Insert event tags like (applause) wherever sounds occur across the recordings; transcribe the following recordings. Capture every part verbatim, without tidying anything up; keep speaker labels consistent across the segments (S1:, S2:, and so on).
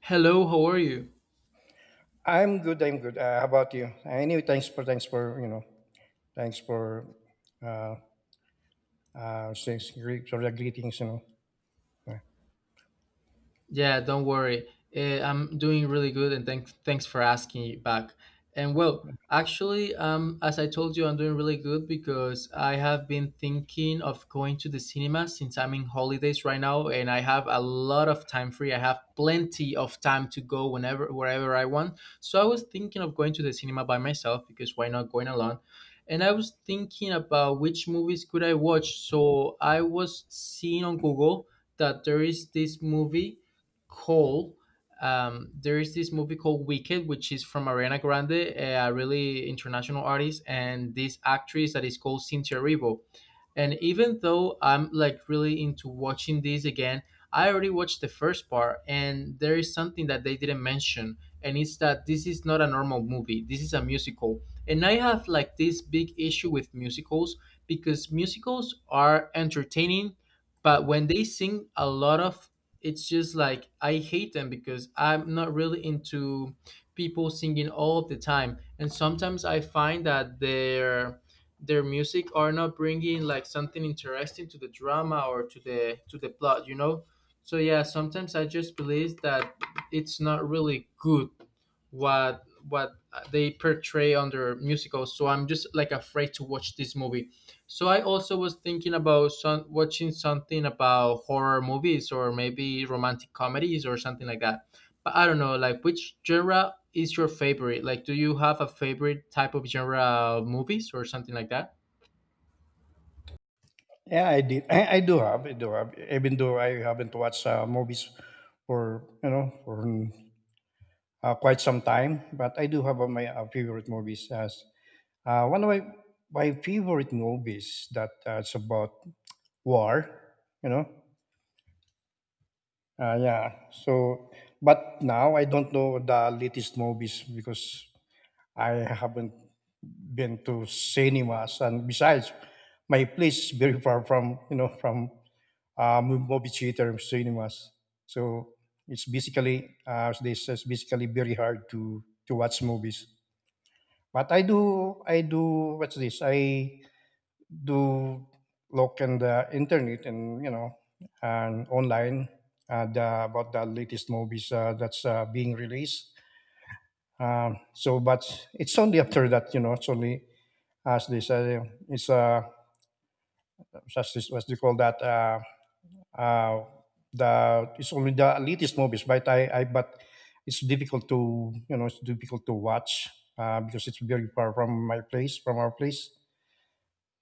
S1: Hello, how are you?
S2: I'm good. I'm good. Uh, how about you? Anyway, thanks for thanks for you know, thanks for uh uh thanks great for the greetings. You know. Uh,
S1: Yeah, don't worry. Eh, I'm doing really good, and thanks thanks for asking you back. And well, actually, um, as I told you, I'm doing really good because I have been thinking of going to the cinema since I'm in holidays right now, and I have a lot of time free. I have plenty of time to go whenever wherever I want. So I was thinking of going to the cinema by myself because why not going alone? And I was thinking about which movies could I watch. So I was seeing on Google that there is this movie Cole, um, there is this movie called Wicked, which is from Ariana Grande, a really international artist, and this actress that is called Cynthia Erivo. And even though I'm like really into watching these again, I already watched the first part, and there is something that they didn't mention, and it's that this is not a normal movie. This is a musical, and I have like this big issue with musicals because musicals are entertaining, but when they sing a lot of, it's just like I hate them because I'm not really into people singing all the time, and sometimes I find that they're their music are not bringing like something interesting to the drama or to the to the plot you know So yeah, sometimes I just believe that it's not really good what what they portray on their musical. So I'm just like afraid to watch this movie. So I also was thinking about some, watching something about horror movies or maybe romantic comedies or something like that. But I don't know, like which genre is your favorite? Like, do you have a favorite type of genre of movies or something like that?
S2: Yeah, I did. I, I do have. I do have. Even though I haven't watched uh, movies for you know for mm, uh, quite some time, but I do have uh, my uh, favorite movies. As uh, One of my my favorite movies that uh, it's about war. You know. Uh, yeah. So, but now I don't know the latest movies because I haven't been to cinemas, and besides, my place is very far from you know from uh, mo- movie theater and cinemas. So it's basically, uh, as they says, basically very hard to to watch movies. But I do, I do. What's this? I do look in the internet, and you know and online, uh, the, about the latest movies uh, that's uh, being released. Um, so, but it's only after that, you know, it's only as this uh, it's uh such this what do you call that uh uh the it's only the elitist movies, but I, I but it's difficult to, you know it's difficult to watch, uh because it's very far from my place, from our place.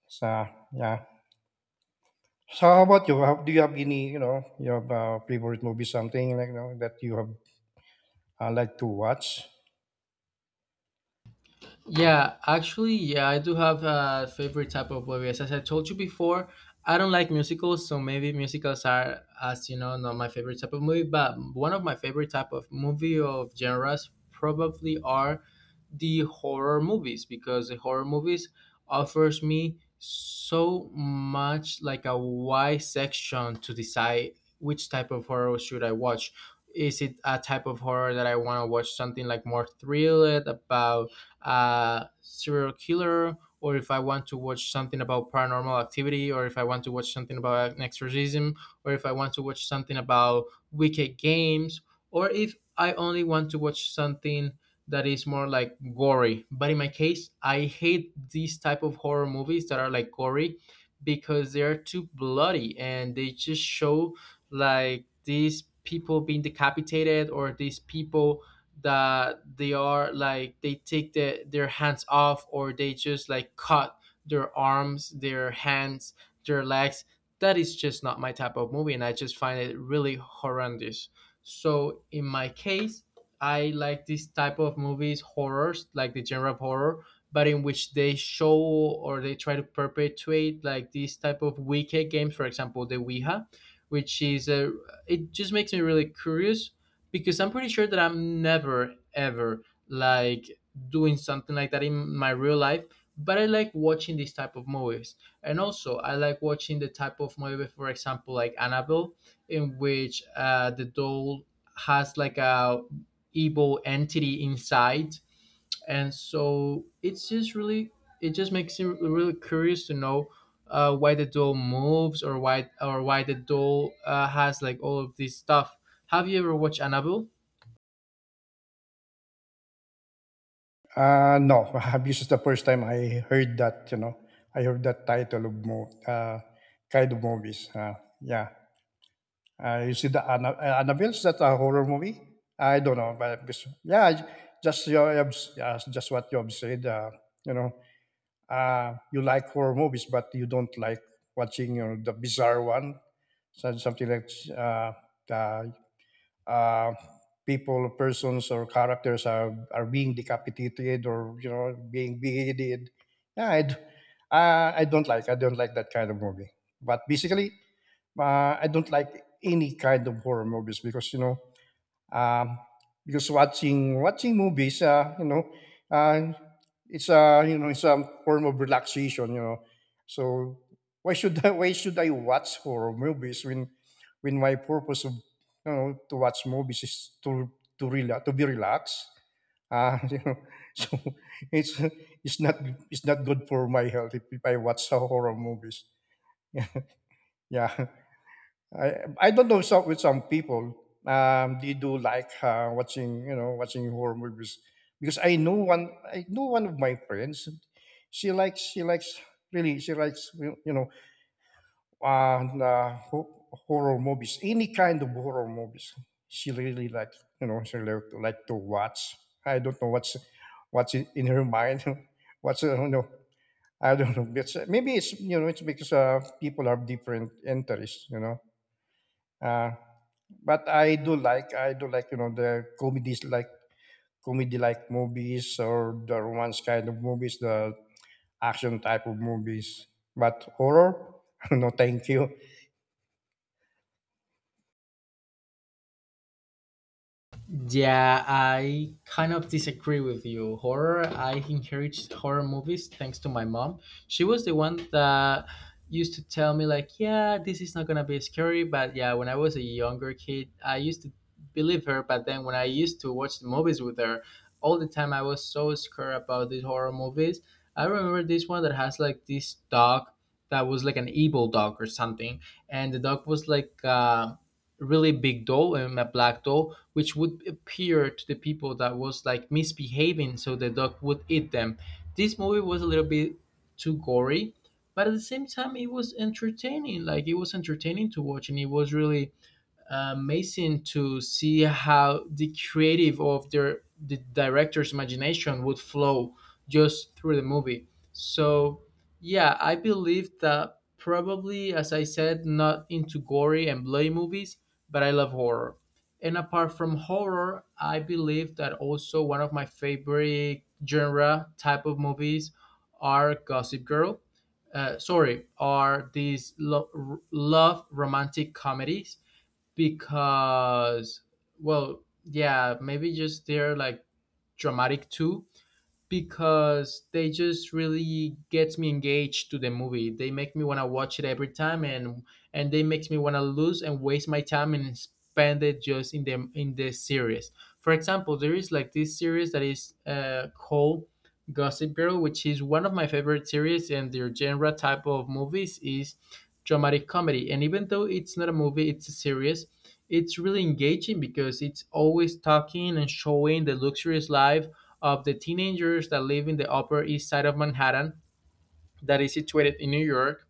S2: So yeah. So how about you? How- do you have any, you know you have uh, favorite movie, something like, you know, that you have uh, like to watch?
S1: Yeah, actually, yeah, I do have a favorite type of movies. As I told you before, I don't like musicals, so maybe musicals are, as you know, not my favorite type of movie. But one of my favorite type of movie of genres probably are the horror movies because the horror movies offers me so much like a wide section to decide which type of horror should I watch. Is it a type of horror that I want to watch something like more thriller about uh, serial killer, or if I want to watch something about paranormal activity, or if I want to watch something about an exorcism, or if I want to watch something about wicked games, or if I only want to watch something that is more like gory. But in my case, I hate these type of horror movies that are like gory because they are too bloody and they just show like these people being decapitated, or these people that they are like they take the, their hands off, or they just like cut their arms, their hands, their legs. That is just not my type of movie, and I just find it really horrendous. So in my case, I like this type of movies, horrors, like the genre of horror, but in which they show or they try to perpetuate like these type of wicked games, for example the ouija, which is a, it just makes me really curious because I'm pretty sure that I'm never ever like doing something like that in my real life. But I like watching these type of movies, and also I like watching the type of movie, for example, like Annabelle, in which uh, the doll has like a evil entity inside, and so it's just really, it just makes me really curious to know uh, why the doll moves, or why, or why the doll uh, has like all of this stuff. Have you ever watched Annabelle?
S2: Uh no. (laughs) This is the first time I heard that, you know, I heard that title of mo- uh kind of movies. Uh yeah. Uh, you see the Anna, uh, Annabelle's that a horror movie? I don't know, but it's- yeah, j- just your obs- yeah, just what you have said. Uh, you know, uh, you like horror movies, but you don't like watching, you know, the bizarre one, so something like uh, the, uh, people, persons, or characters are are being decapitated or, you know, being beheaded. Yeah, I, d- uh, I don't like, I don't like that kind of movie. But basically, uh, I don't like any kind of horror movies because, you know um, because watching watching movies, uh, you know uh, it's a, you know it's a form of relaxation, you know. So why should I, (laughs) why should I watch horror movies when, when my purpose of, you know to watch movies is to, to relax, to be relaxed, uh, (laughs) you know. so it's it's not, it's not good for my health if, if I watch horror movies. (laughs) Yeah. I I don't know, some, with some people, um, they do like uh, watching, you know, watching horror movies, because I know one, I know one of my friends, she likes she likes really she likes, you you know, uh, uh, ho- horror movies, any kind of horror movies. She really like, you know, she like, like to watch. I don't know what's, what's in, in her mind. (laughs) what's uh, you know, I don't know, it's, maybe it's, you know, it's because uh, people have different interests, you know. Uh, but I do like I do like, you know, the comedies, like comedy like movies, or the romance kind of movies, the action type of movies. But horror, (laughs) no, thank you.
S1: Yeah, I kind of disagree with you. Horror, I encouraged horror movies thanks to my mom. She was the one that used to tell me, like, yeah, this is not going to be scary. But yeah, when I was a younger kid, I used to believe her. But then when I used to watch the movies with her, all the time I was so scared about these horror movies. I remember this one that has like this dog that was like an evil dog or something. And the dog was like, uh, really big doll and a black doll, which would appear to the people that was like misbehaving, so the dog would eat them. This movie was a little bit too gory, but at the same time it was entertaining. Like, it was entertaining to watch, and it was really uh, amazing to see how the creative of their the director's imagination would flow just through the movie. So yeah, I believe that probably, as I said, not into gory and bloody movies, but I love horror. And apart from horror, I believe that also one of my favorite genre type of movies are Gossip Girl. Uh, sorry, are these lo- r- love romantic comedies because, well, yeah, maybe just they're like dramatic too because they just really gets me engaged to the movie. They make me want to watch it every time, and and they makes me want to lose and waste my time and spend it just in the in the series. For example, there is like this series that is uh, called Gossip Girl, which is one of my favorite series, and their genre type of movies is dramatic comedy. And even though it's not a movie, it's a series. It's really engaging because it's always talking and showing the luxurious life of the teenagers that live in the Upper East Side of Manhattan, that is situated in New York.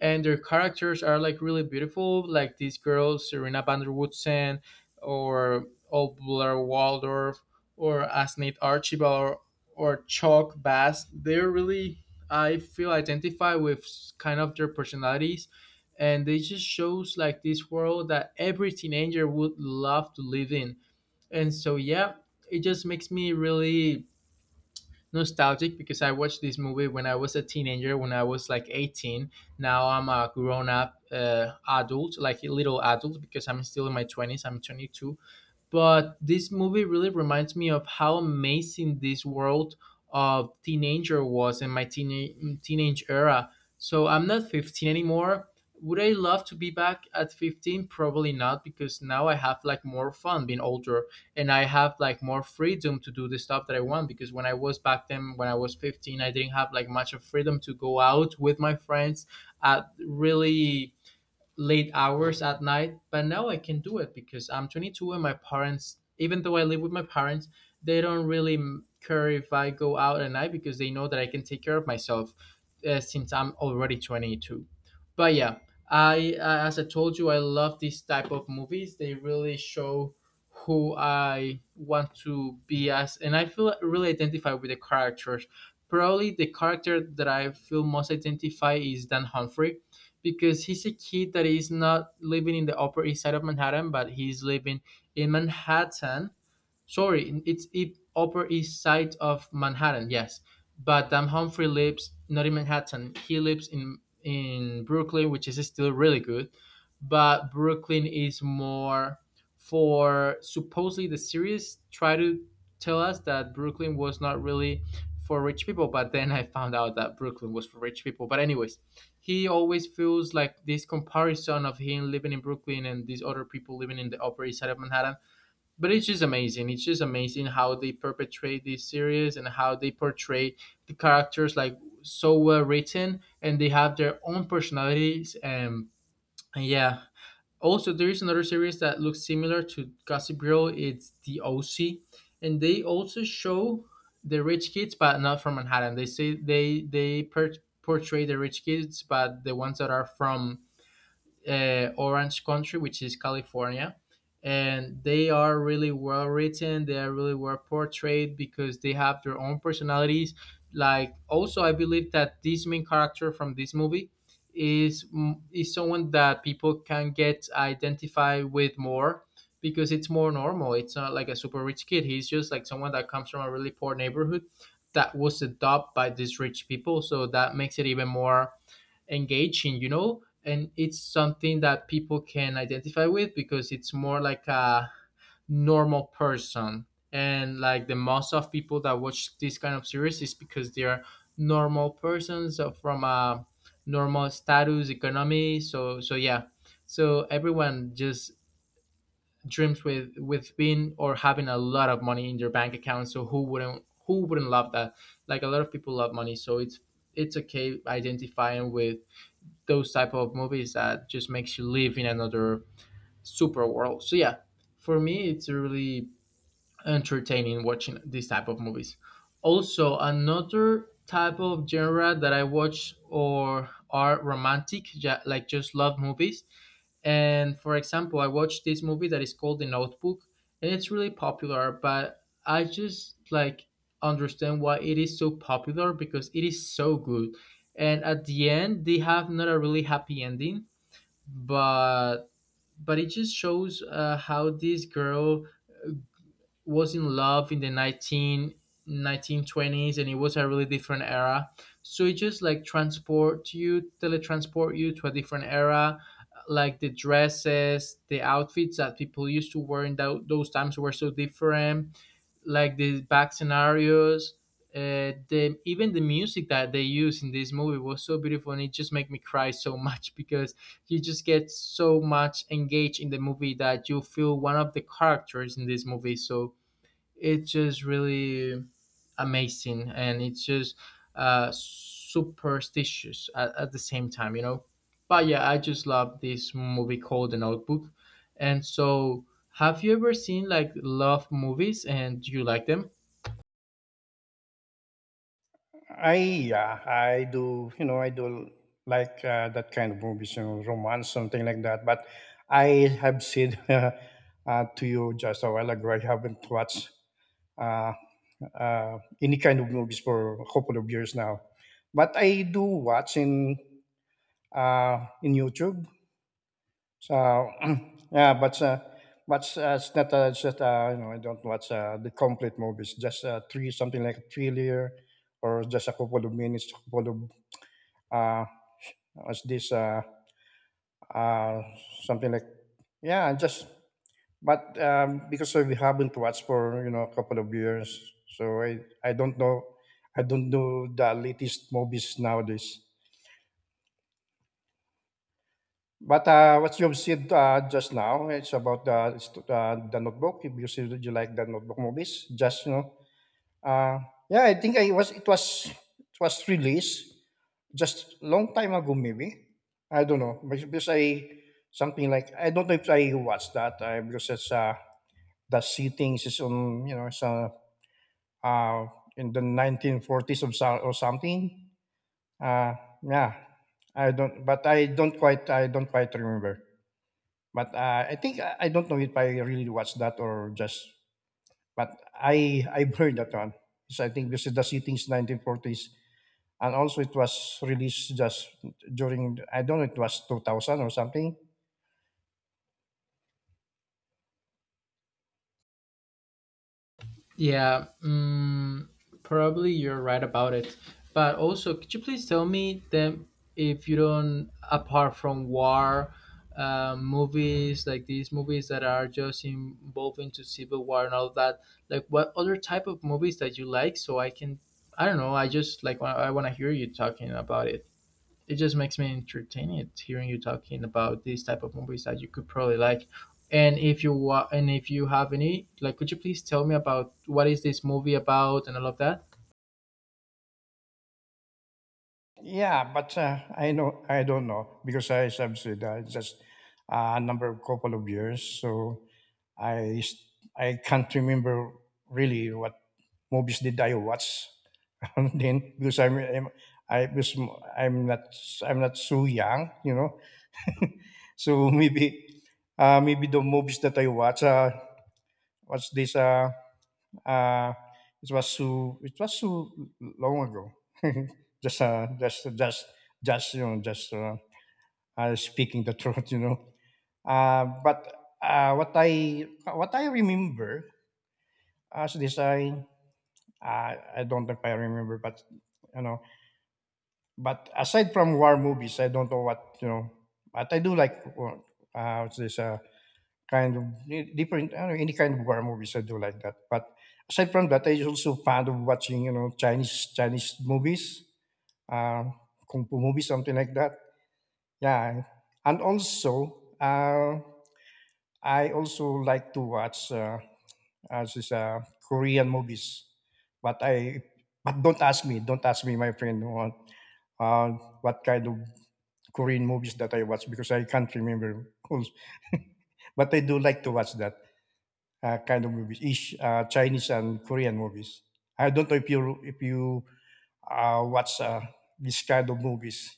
S1: And their characters are like really beautiful, like these girls, Serena van der Woodsen, or old Blair Waldorf, or Asnith Archibald, or, or Chuck Bass. They're really, I feel, identify with kind of their personalities. And they just shows like this world that every teenager would love to live in. And so, yeah, it just makes me really nostalgic because I watched this movie when I was a teenager, when I was like eighteen. Now I'm a grown up uh, adult, like a little adult, because I'm still in my twenties. I'm twenty-two, but this movie really reminds me of how amazing this world of teenager was in my teen- teenage era. So I'm not fifteen anymore. Would I love to be back at fifteen? Probably not, because now I have like more fun being older and I have like more freedom to do the stuff that I want. Because when I was back then, when I was fifteen, I didn't have like much of freedom to go out with my friends at really late hours at night. But now I can do it because I'm twenty-two, and my parents, even though I live with my parents, they don't really m- care if I go out at night because they know that I can take care of myself, uh, since I'm already twenty-two. But yeah, I uh, as I told you, I love these type of movies. They really show who I want to be as, and I feel really identified with the characters. Probably the character that I feel most identify is Dan Humphrey because he's a kid that is not living in the Upper East Side of Manhattan, but he's living in Manhattan. Sorry, it's it Upper East Side of Manhattan. Yes, but um, Humphrey lives not in Manhattan. He lives in in Brooklyn, which is still really good, but Brooklyn is more for, supposedly the series try to tell us that Brooklyn was not really for rich people, but then I found out that Brooklyn was for rich people. But anyways, he always feels like this comparison of him living in Brooklyn and these other people living in the Upper East Side of Manhattan. But it's just amazing. It's just amazing how they perpetrate this series and how they portray the characters like so well written, and they have their own personalities. And, and yeah, also there is another series that looks similar to Gossip Girl. It's The O C, and they also show the rich kids, but not from Manhattan. They say they they per- portray the rich kids, but the ones that are from uh, orange country, which is California. And they are really well written. They are really well portrayed because they have their own personalities. Like also, I believe that this main character from this movie is mm, is someone that people can get identified with more because it's more normal. It's not like a super rich kid. He's just like someone that comes from a really poor neighborhood that was adopted by these rich people. So that makes it even more engaging, you know, and it's something that people can identify with because it's more like a normal person. And like the most of people that watch this kind of series is because they are normal persons uh, from a normal status economy. So so yeah, so everyone just dreams with with being or having a lot of money in their bank account. So who wouldn't who wouldn't love that? Like a lot of people love money, so it's it's okay identifying with those type of movies that just makes you live in another super world. So yeah, for me it's really entertaining watching this type of movies. Also, another type of genre that I watch or are romantic, ja- like just love movies. And for example, I watched this movie that is called The Notebook, and it's really popular. But I just like understand why it is so popular because it is so good. And at the end, they have not a really happy ending but but it just shows uh, how this girl was in love in the nineteen nineteen twenties, and it was a really different era, so it just like transport you teletransport you to a different era. Like the dresses, the outfits that people used to wear in tho- those times were so different, like the back scenarios, uh, the even the music that they used in this movie was so beautiful, and it just made me cry so (laughs) much, because you just get so much engaged in the movie that you feel one of the characters in this movie. So it's just really amazing, and it's just uh, superstitious at, at the same time, you know. But yeah, I just love this movie called The Notebook. And so, have you ever seen like love movies, and do you like them?
S2: I, yeah, I do you know I do like uh, that kind of movies, you know, romance something like that. But I have said (laughs) uh, to you just a while ago, I haven't watched. Uh, uh, any kind of movies for a couple of years now. But I do watch in uh, in YouTube. So (clears throat) yeah, but uh, but uh, it's not uh, it's just, uh, you know, I don't watch uh, the complete movies. Just uh, three, something like a thriller, or just a couple of minutes, couple of uh, what's this uh, uh, something like, yeah, just. But um, Because we haven't watched for, you know, a couple of years, so I I don't know, I don't know the latest movies nowadays. But, uh, what you've said, uh, just now, it's about the stu uh, the Notebook, if you see, that you like the Notebook movies, just, you know, uh, yeah, I think I was it was, it was released just long time ago maybe. I don't know, because because I, something like, I don't know if I watched that, uh, because it's, uh, the settings is on, you know, it's, uh, uh, in the nineteen forties or so or something. Uh, yeah, I don't but I don't quite, I don't quite remember. But uh, I think, I don't know if I really watched that or just. But I I've heard that one. So I think this is the settings nineteen forties, and also it was released just during, I don't know, it was two thousand or something.
S1: Yeah, mm, probably you're right about it. But also, could you please tell me then, if you don't, apart from war, uh, movies, like these movies that are just involving to civil war and all that, like what other type of movies that you like? So I can, I don't know, I just like wa- I want to hear you talking about it. It just makes me entertaining hearing you talking about these type of movies that you could probably like. And if you wa- and if you have any, like, could you please tell me about what is this movie about and all of that?
S2: Yeah, but uh, I know, I don't know, because I subsidized just uh, a number of couple of years. So I s- I can't remember really what movies did I watch (laughs) then, because I'm, I'm I because I'm not, I'm not so young, you know. So (laughs) maybe uh, maybe the movies that I watch, uh, what's this uh, uh, it was too, it was too long ago. (laughs) just uh, just just just You know, just uh, uh, speaking the (laughs) truth, you know. Uh, but uh, What I, what I remember, as this I uh, I don't know if I remember, but you know. But aside from war movies, I don't know what, you know. But I do like, uh, what's this? Uh, kind of, eh, different, I don't know, any kind of war movies, I do like that. But aside from that, I also fond of watching, you know, Chinese Chinese movies, uh, kung fu movies, something like that. Yeah, and also uh, I also like to watch uh, as is uh, Korean movies, but I but don't ask me, don't ask me, my friend, what uh, what kind of Korean movies that I watch, because I can't remember. But I do like to watch that uh, kind of movies, Ish, uh, Chinese and Korean movies. I don't know if you, if you uh, watch uh, this kind of movies.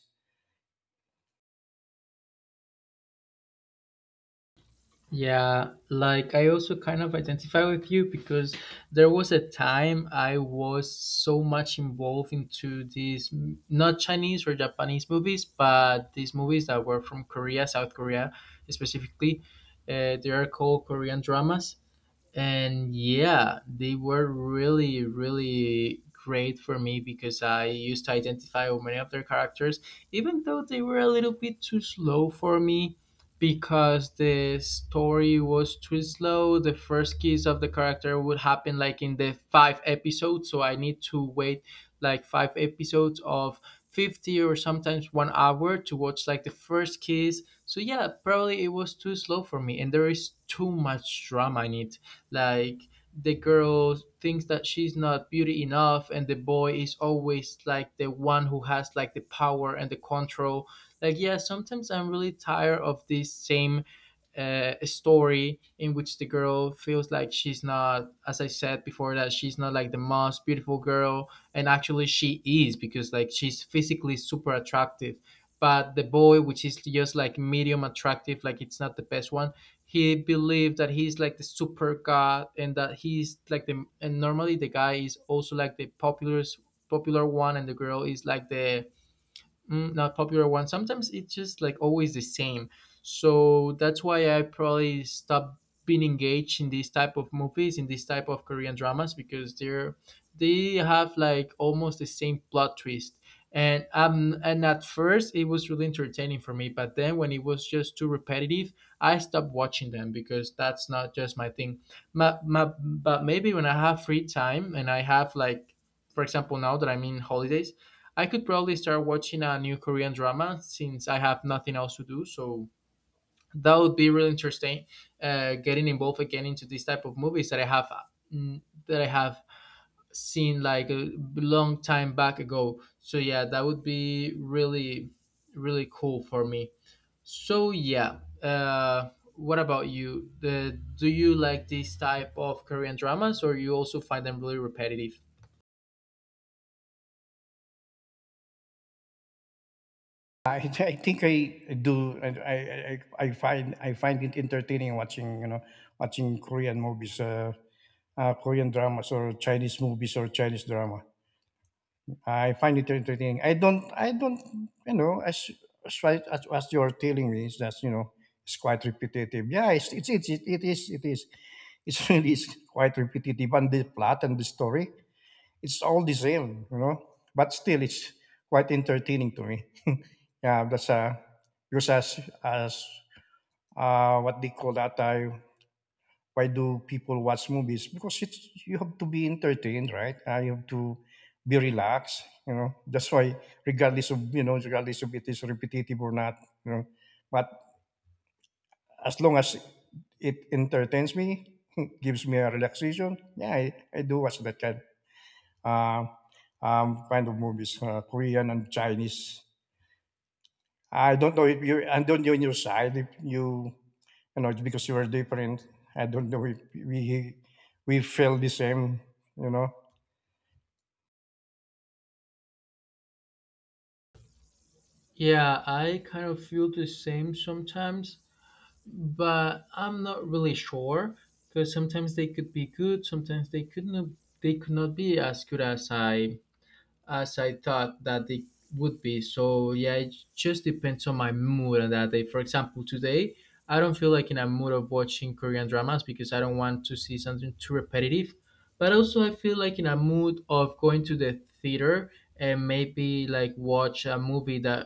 S1: Yeah, like I also kind of identify with you, because there was a time I was so much involved into these mm, not Chinese or Japanese movies, but these movies that were from Korea, South Korea specifically. Uh, they are called Korean dramas, and yeah, they were really really great for me, because I used to identify with many of their characters, even though they were a little bit too slow for me, because the story was too slow. The first kiss of the character would happen like in the five episodes, so I need to wait like five episodes of fifty, or sometimes one hour, to watch like the first kiss. So yeah, probably it was too slow for me, and there is too much drama in it. Like, the girl thinks that she's not beauty enough, and the boy is always like the one who has like the power and the control. Like, yeah, sometimes I'm really tired of this same uh, story in which the girl feels like she's not, as I said before, that she's not like the most beautiful girl, and actually she is, because like she's physically super attractive, but the boy, which is just like medium attractive, like it's not the best one, he believed that he's like the super god, and that he's like the and, normally the guy is also like the popular popular one, and the girl is like the mm, not popular one. Sometimes it's just like always the same. So that's why I probably stopped being engaged in these type of movies, in these type of Korean dramas, because they're they have like almost the same plot twist. And um and at first it was really entertaining for me, but then when it was just too repetitive, I stopped watching them, because that's not just my thing. Ma ma but maybe when I have free time, and I have like, for example, now that I'm in holidays, I could probably start watching a new Korean drama, since I have nothing else to do. So that would be really interesting. Uh, getting involved again into this type of movies that I have mm, that I have seen like a long time back ago. So yeah, that would be really really cool for me. So yeah, uh, what about you? The, do you like this type of Korean dramas, or you also find them really repetitive?
S2: I, I think I do. I, I I I find, I find it entertaining watching, you know, watching Korean movies, uh, uh, Korean dramas or Chinese movies or Chinese drama. I find it entertaining. I don't, I don't, You know, as as, right- as, as you're telling me, it's just, you know, it's quite repetitive. Yeah, it's it's it's it, it is it is it's (laughs) really is quite repetitive, and the plot and the story, it's all the same, you know. But still, it's quite entertaining to me. (laughs) Yeah, that's uh, because as as uh, what they call that? Uh, why do people watch movies? Because it's, you have to be entertained, right? Uh, you have to be relaxed. You know, that's why, regardless of you know regardless of it is repetitive or not, you know, but as long as it entertains me, (laughs) gives me a relaxation, yeah, I, I do watch that kind. Uh, um, Kind of movies, uh, Korean and Chinese. I don't know if you, I don't know on your side if you, you know, it's because you are different. I don't know if we we feel the same, you know.
S1: Yeah, I kind of feel the same sometimes, but I'm not really sure, because sometimes they could be good, sometimes they could not they could not be as good as I as I thought that it would be. So yeah, it just depends on my mood on that day. For example, today I don't feel like in a mood of watching Korean dramas, because I don't want to see something too repetitive. But also I feel like in a mood of going to the theater, and maybe like watch a movie that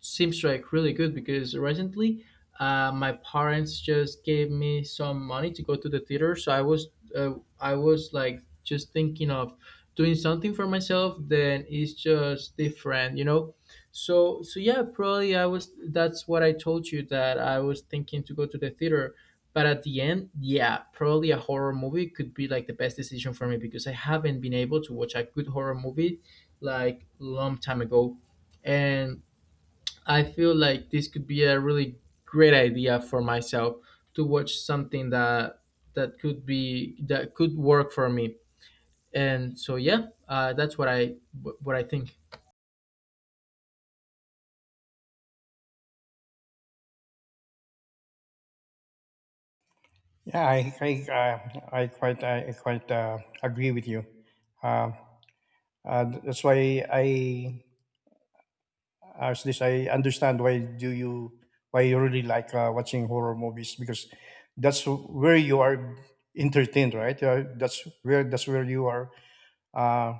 S1: seems like really good, because recently uh, my parents just gave me some money to go to the theater. So i was uh, I was like just thinking of doing something for myself, then it's just different you know so so yeah, probably I was that's what I told you, that I was thinking to go to the theater. But at the end, yeah, probably a horror movie could be like the best decision for me, because I haven't been able to watch a good horror movie like long time ago, and I feel like this could be a really great idea for myself to watch something that that could be that could work for me. And so yeah, uh, that's what i what i think.
S2: Yeah, I I uh, I quite I quite uh, agree with you. Uh, uh, that's why I, as this I understand why do you, why you really like uh, watching horror movies, because that's where you are entertained, right? Uh, that's where that's where you are, uh,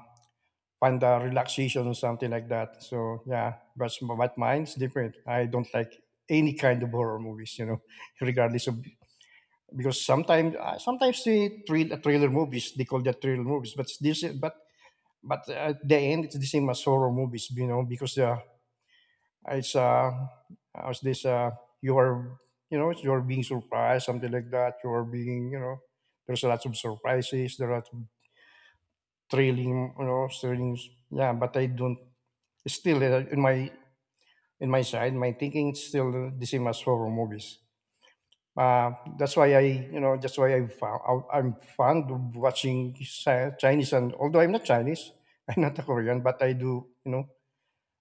S2: find a relaxation or something like that. So yeah, but but mine's different. I don't like any kind of horror movies, you know, (laughs) regardless of, because sometimes uh, sometimes the thrill, thriller movies, they call that thriller movies, but this but but at the end it's the same as horror movies, you know, because uh, it's uh how's this uh you are, you know, you're being surprised, something like that. You are being, you know, there's lots of surprises. There are thrilling, you know, thrilling, yeah, but I don't still, uh, in my in my side, my thinking is still the same as horror movies. Uh, that's why I, you know, that's why I found, I- I'm fond of watching Chi- Chinese. And although I'm not Chinese, (laughs) I'm not a Korean, but I do, you know,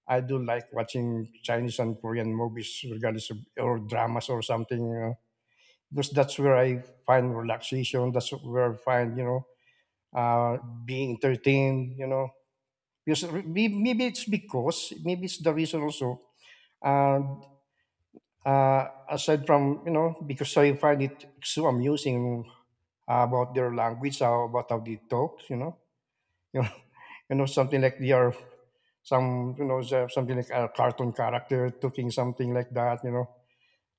S2: I do like watching Chinese and Korean movies, regardless of or dramas or something, you know, because that's where I find relaxation. That's where I find, you know, uh, being entertained, you know, because re- may- maybe it's because, maybe it's the reason also. uh, Uh, aside from, you know, because I find it so amusing uh, about their language, how, about how they talk, you know, (laughs) you know, you know, something like they are some, you know, so- something like a cartoon character talking something like that, you know.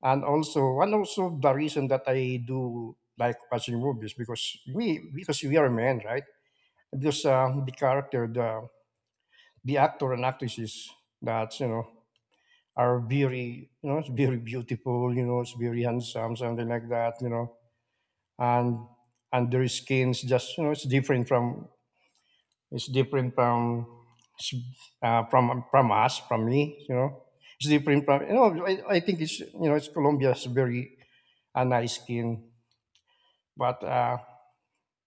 S2: And also, and also the reason that I do like watching movies because we, because we are men, right? Because uh, the character, the the actor and actresses that you know are very, you know, it's very beautiful, you know, it's very handsome, something like that, you know, and and their skins just, you know, it's different from it's different from uh, from from us, from me, you know, it's different from you know, I, I think it's you know, it's Colombia's very a nice skin, but uh,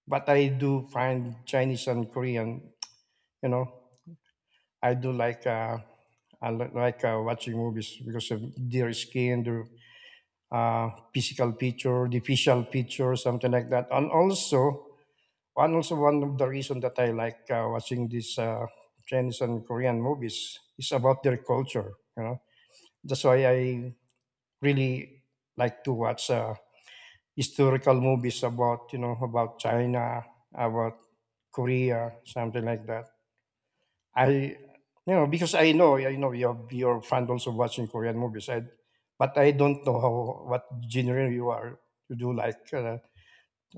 S2: but I do find Chinese and Korean, you know, I do like uh, I li- like uh, watching movies because of their skin, their uh, physical picture, the facial picture, something like that. And also, and also one of the reason that I like uh, watching these uh, Chinese and Korean movies is about their culture. You know, that's why I really like to watch uh, historical movies about you know about China, about Korea, something like that. I, you know, because I know, I know you're, you're fond also watching Korean movies. I, but I don't know how, what genre you are. You do like uh,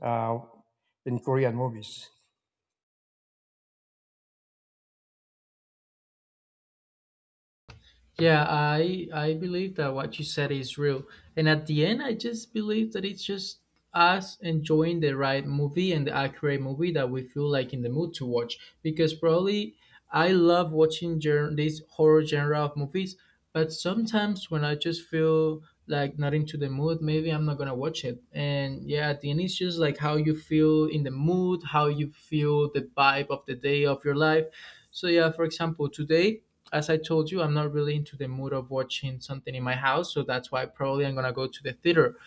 S2: uh, in Korean movies.
S1: Yeah, I I believe that what you said is real. And at the end, I just believe that it's just us enjoying the right movie and the accurate movie that we feel like in the mood to watch. Because probably I love watching gen- this horror genre of movies, but sometimes when I just feel like not into the mood, maybe I'm not gonna watch it. And yeah, at the end, it's just like how you feel in the mood, how you feel the vibe of the day of your life. So yeah, for example, today, as I told you, I'm not really into the mood of watching something in my house, so that's why probably I'm gonna go to the theater,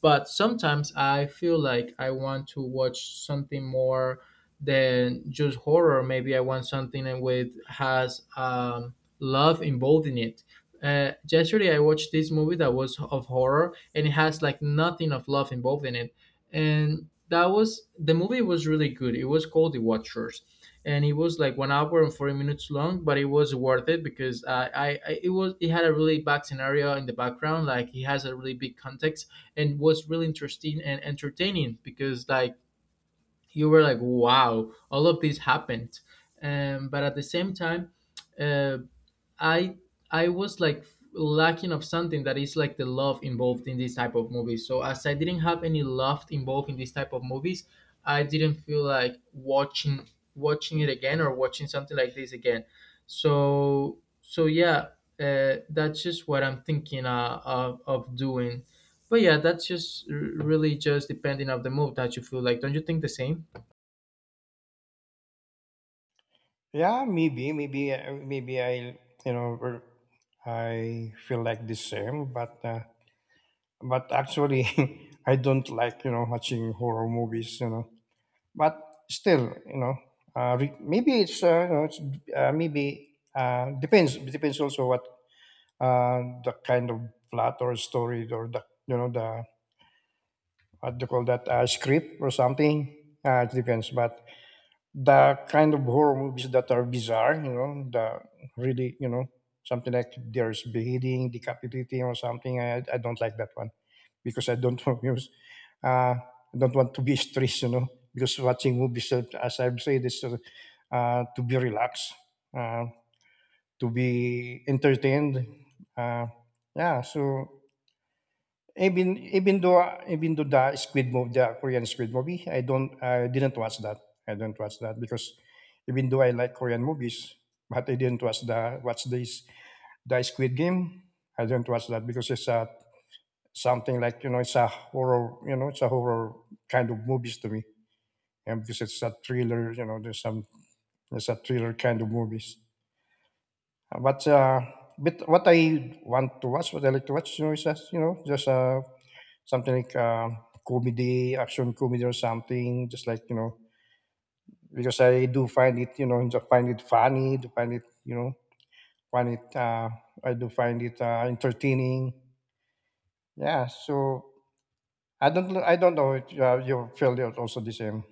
S1: but sometimes I feel like I want to watch something more than just horror. Maybe I want something that with has um, love involved in it. Uh, yesterday I watched this movie that was of horror, and it has like nothing of love involved in it, and that was, the movie was really good. It was called The Watchers. And it was like one hour and forty minutes long, but it was worth it, because I, I, I it was it had a really bad scenario in the background. Like it has a really big context, and was really interesting and entertaining, because like you were like, wow, all of this happened, um, but at the same time, uh, I I was like lacking of something that is like the love involved in this type of movies. So as I didn't have any love involved in this type of movies, I didn't feel like watching watching it again, or watching something like this again. So so yeah, uh, that's just what I'm thinking uh, of of doing. But yeah, that's just r- really just depending of the mood that you feel like. Don't you think the same?
S2: Yeah, maybe, maybe, uh, maybe I, you know, er, I feel like the same. But, uh, but actually, (laughs) I don't like, you know, watching horror movies. You know, but still, you know, uh, re- maybe it's, uh, you know, it's uh, maybe uh, depends. Depends also what uh, the kind of plot or story or the you know the what do you call that uh, script or something. Uh, it depends, but the kind of horror movies that are bizarre, you know, the really you know something like there's beheading, decapitating, or something. I, I don't like that one because I don't (laughs) want to use, uh, I don't want to be stressed, you know, because watching movies, uh, as I've said, is uh, uh, to be relaxed, uh, to be entertained. Uh, yeah. So Even even though even though the Squid movie, the Korean Squid movie, I don't I didn't watch that. I don't watch that because even though I like Korean movies, but I didn't watch the watch this the Squid Game. I don't watch that because it's a something like you know it's a horror you know it's a horror kind of movies to me, and because it's a thriller you know there's some it's a thriller kind of movies. But uh, but what I want to watch, what I like to watch, you know, is that you know just uh, something like um, comedy, action comedy or something. Just like you know, because I do find it, you know, just find it funny, do find it, you know, find it. Uh, I do find it uh, entertaining. Yeah. So I don't, I don't know. If, uh, you feel it also the same.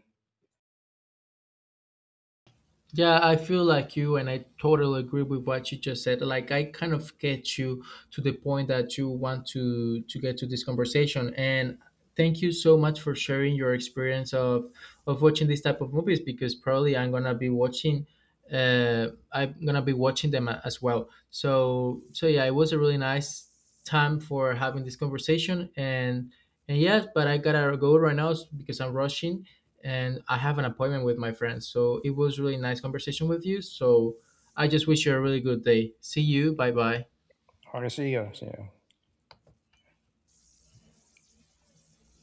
S1: Yeah, I feel like you, and I totally agree with what you just said. Like, I kind of get you to the point that you want to to get to this conversation. And thank you so much for sharing your experience of of watching this type of movies, because probably I'm gonna be watching. Uh, I'm gonna be watching them a- as well. So, so yeah, it was a really nice time for having this conversation. And and yes, but I gotta go right now, because I'm rushing and I have an appointment with my friends. So it was really nice conversation with you. So I just wish you a really good day. See you. Bye bye.
S2: Okay, see you. See you.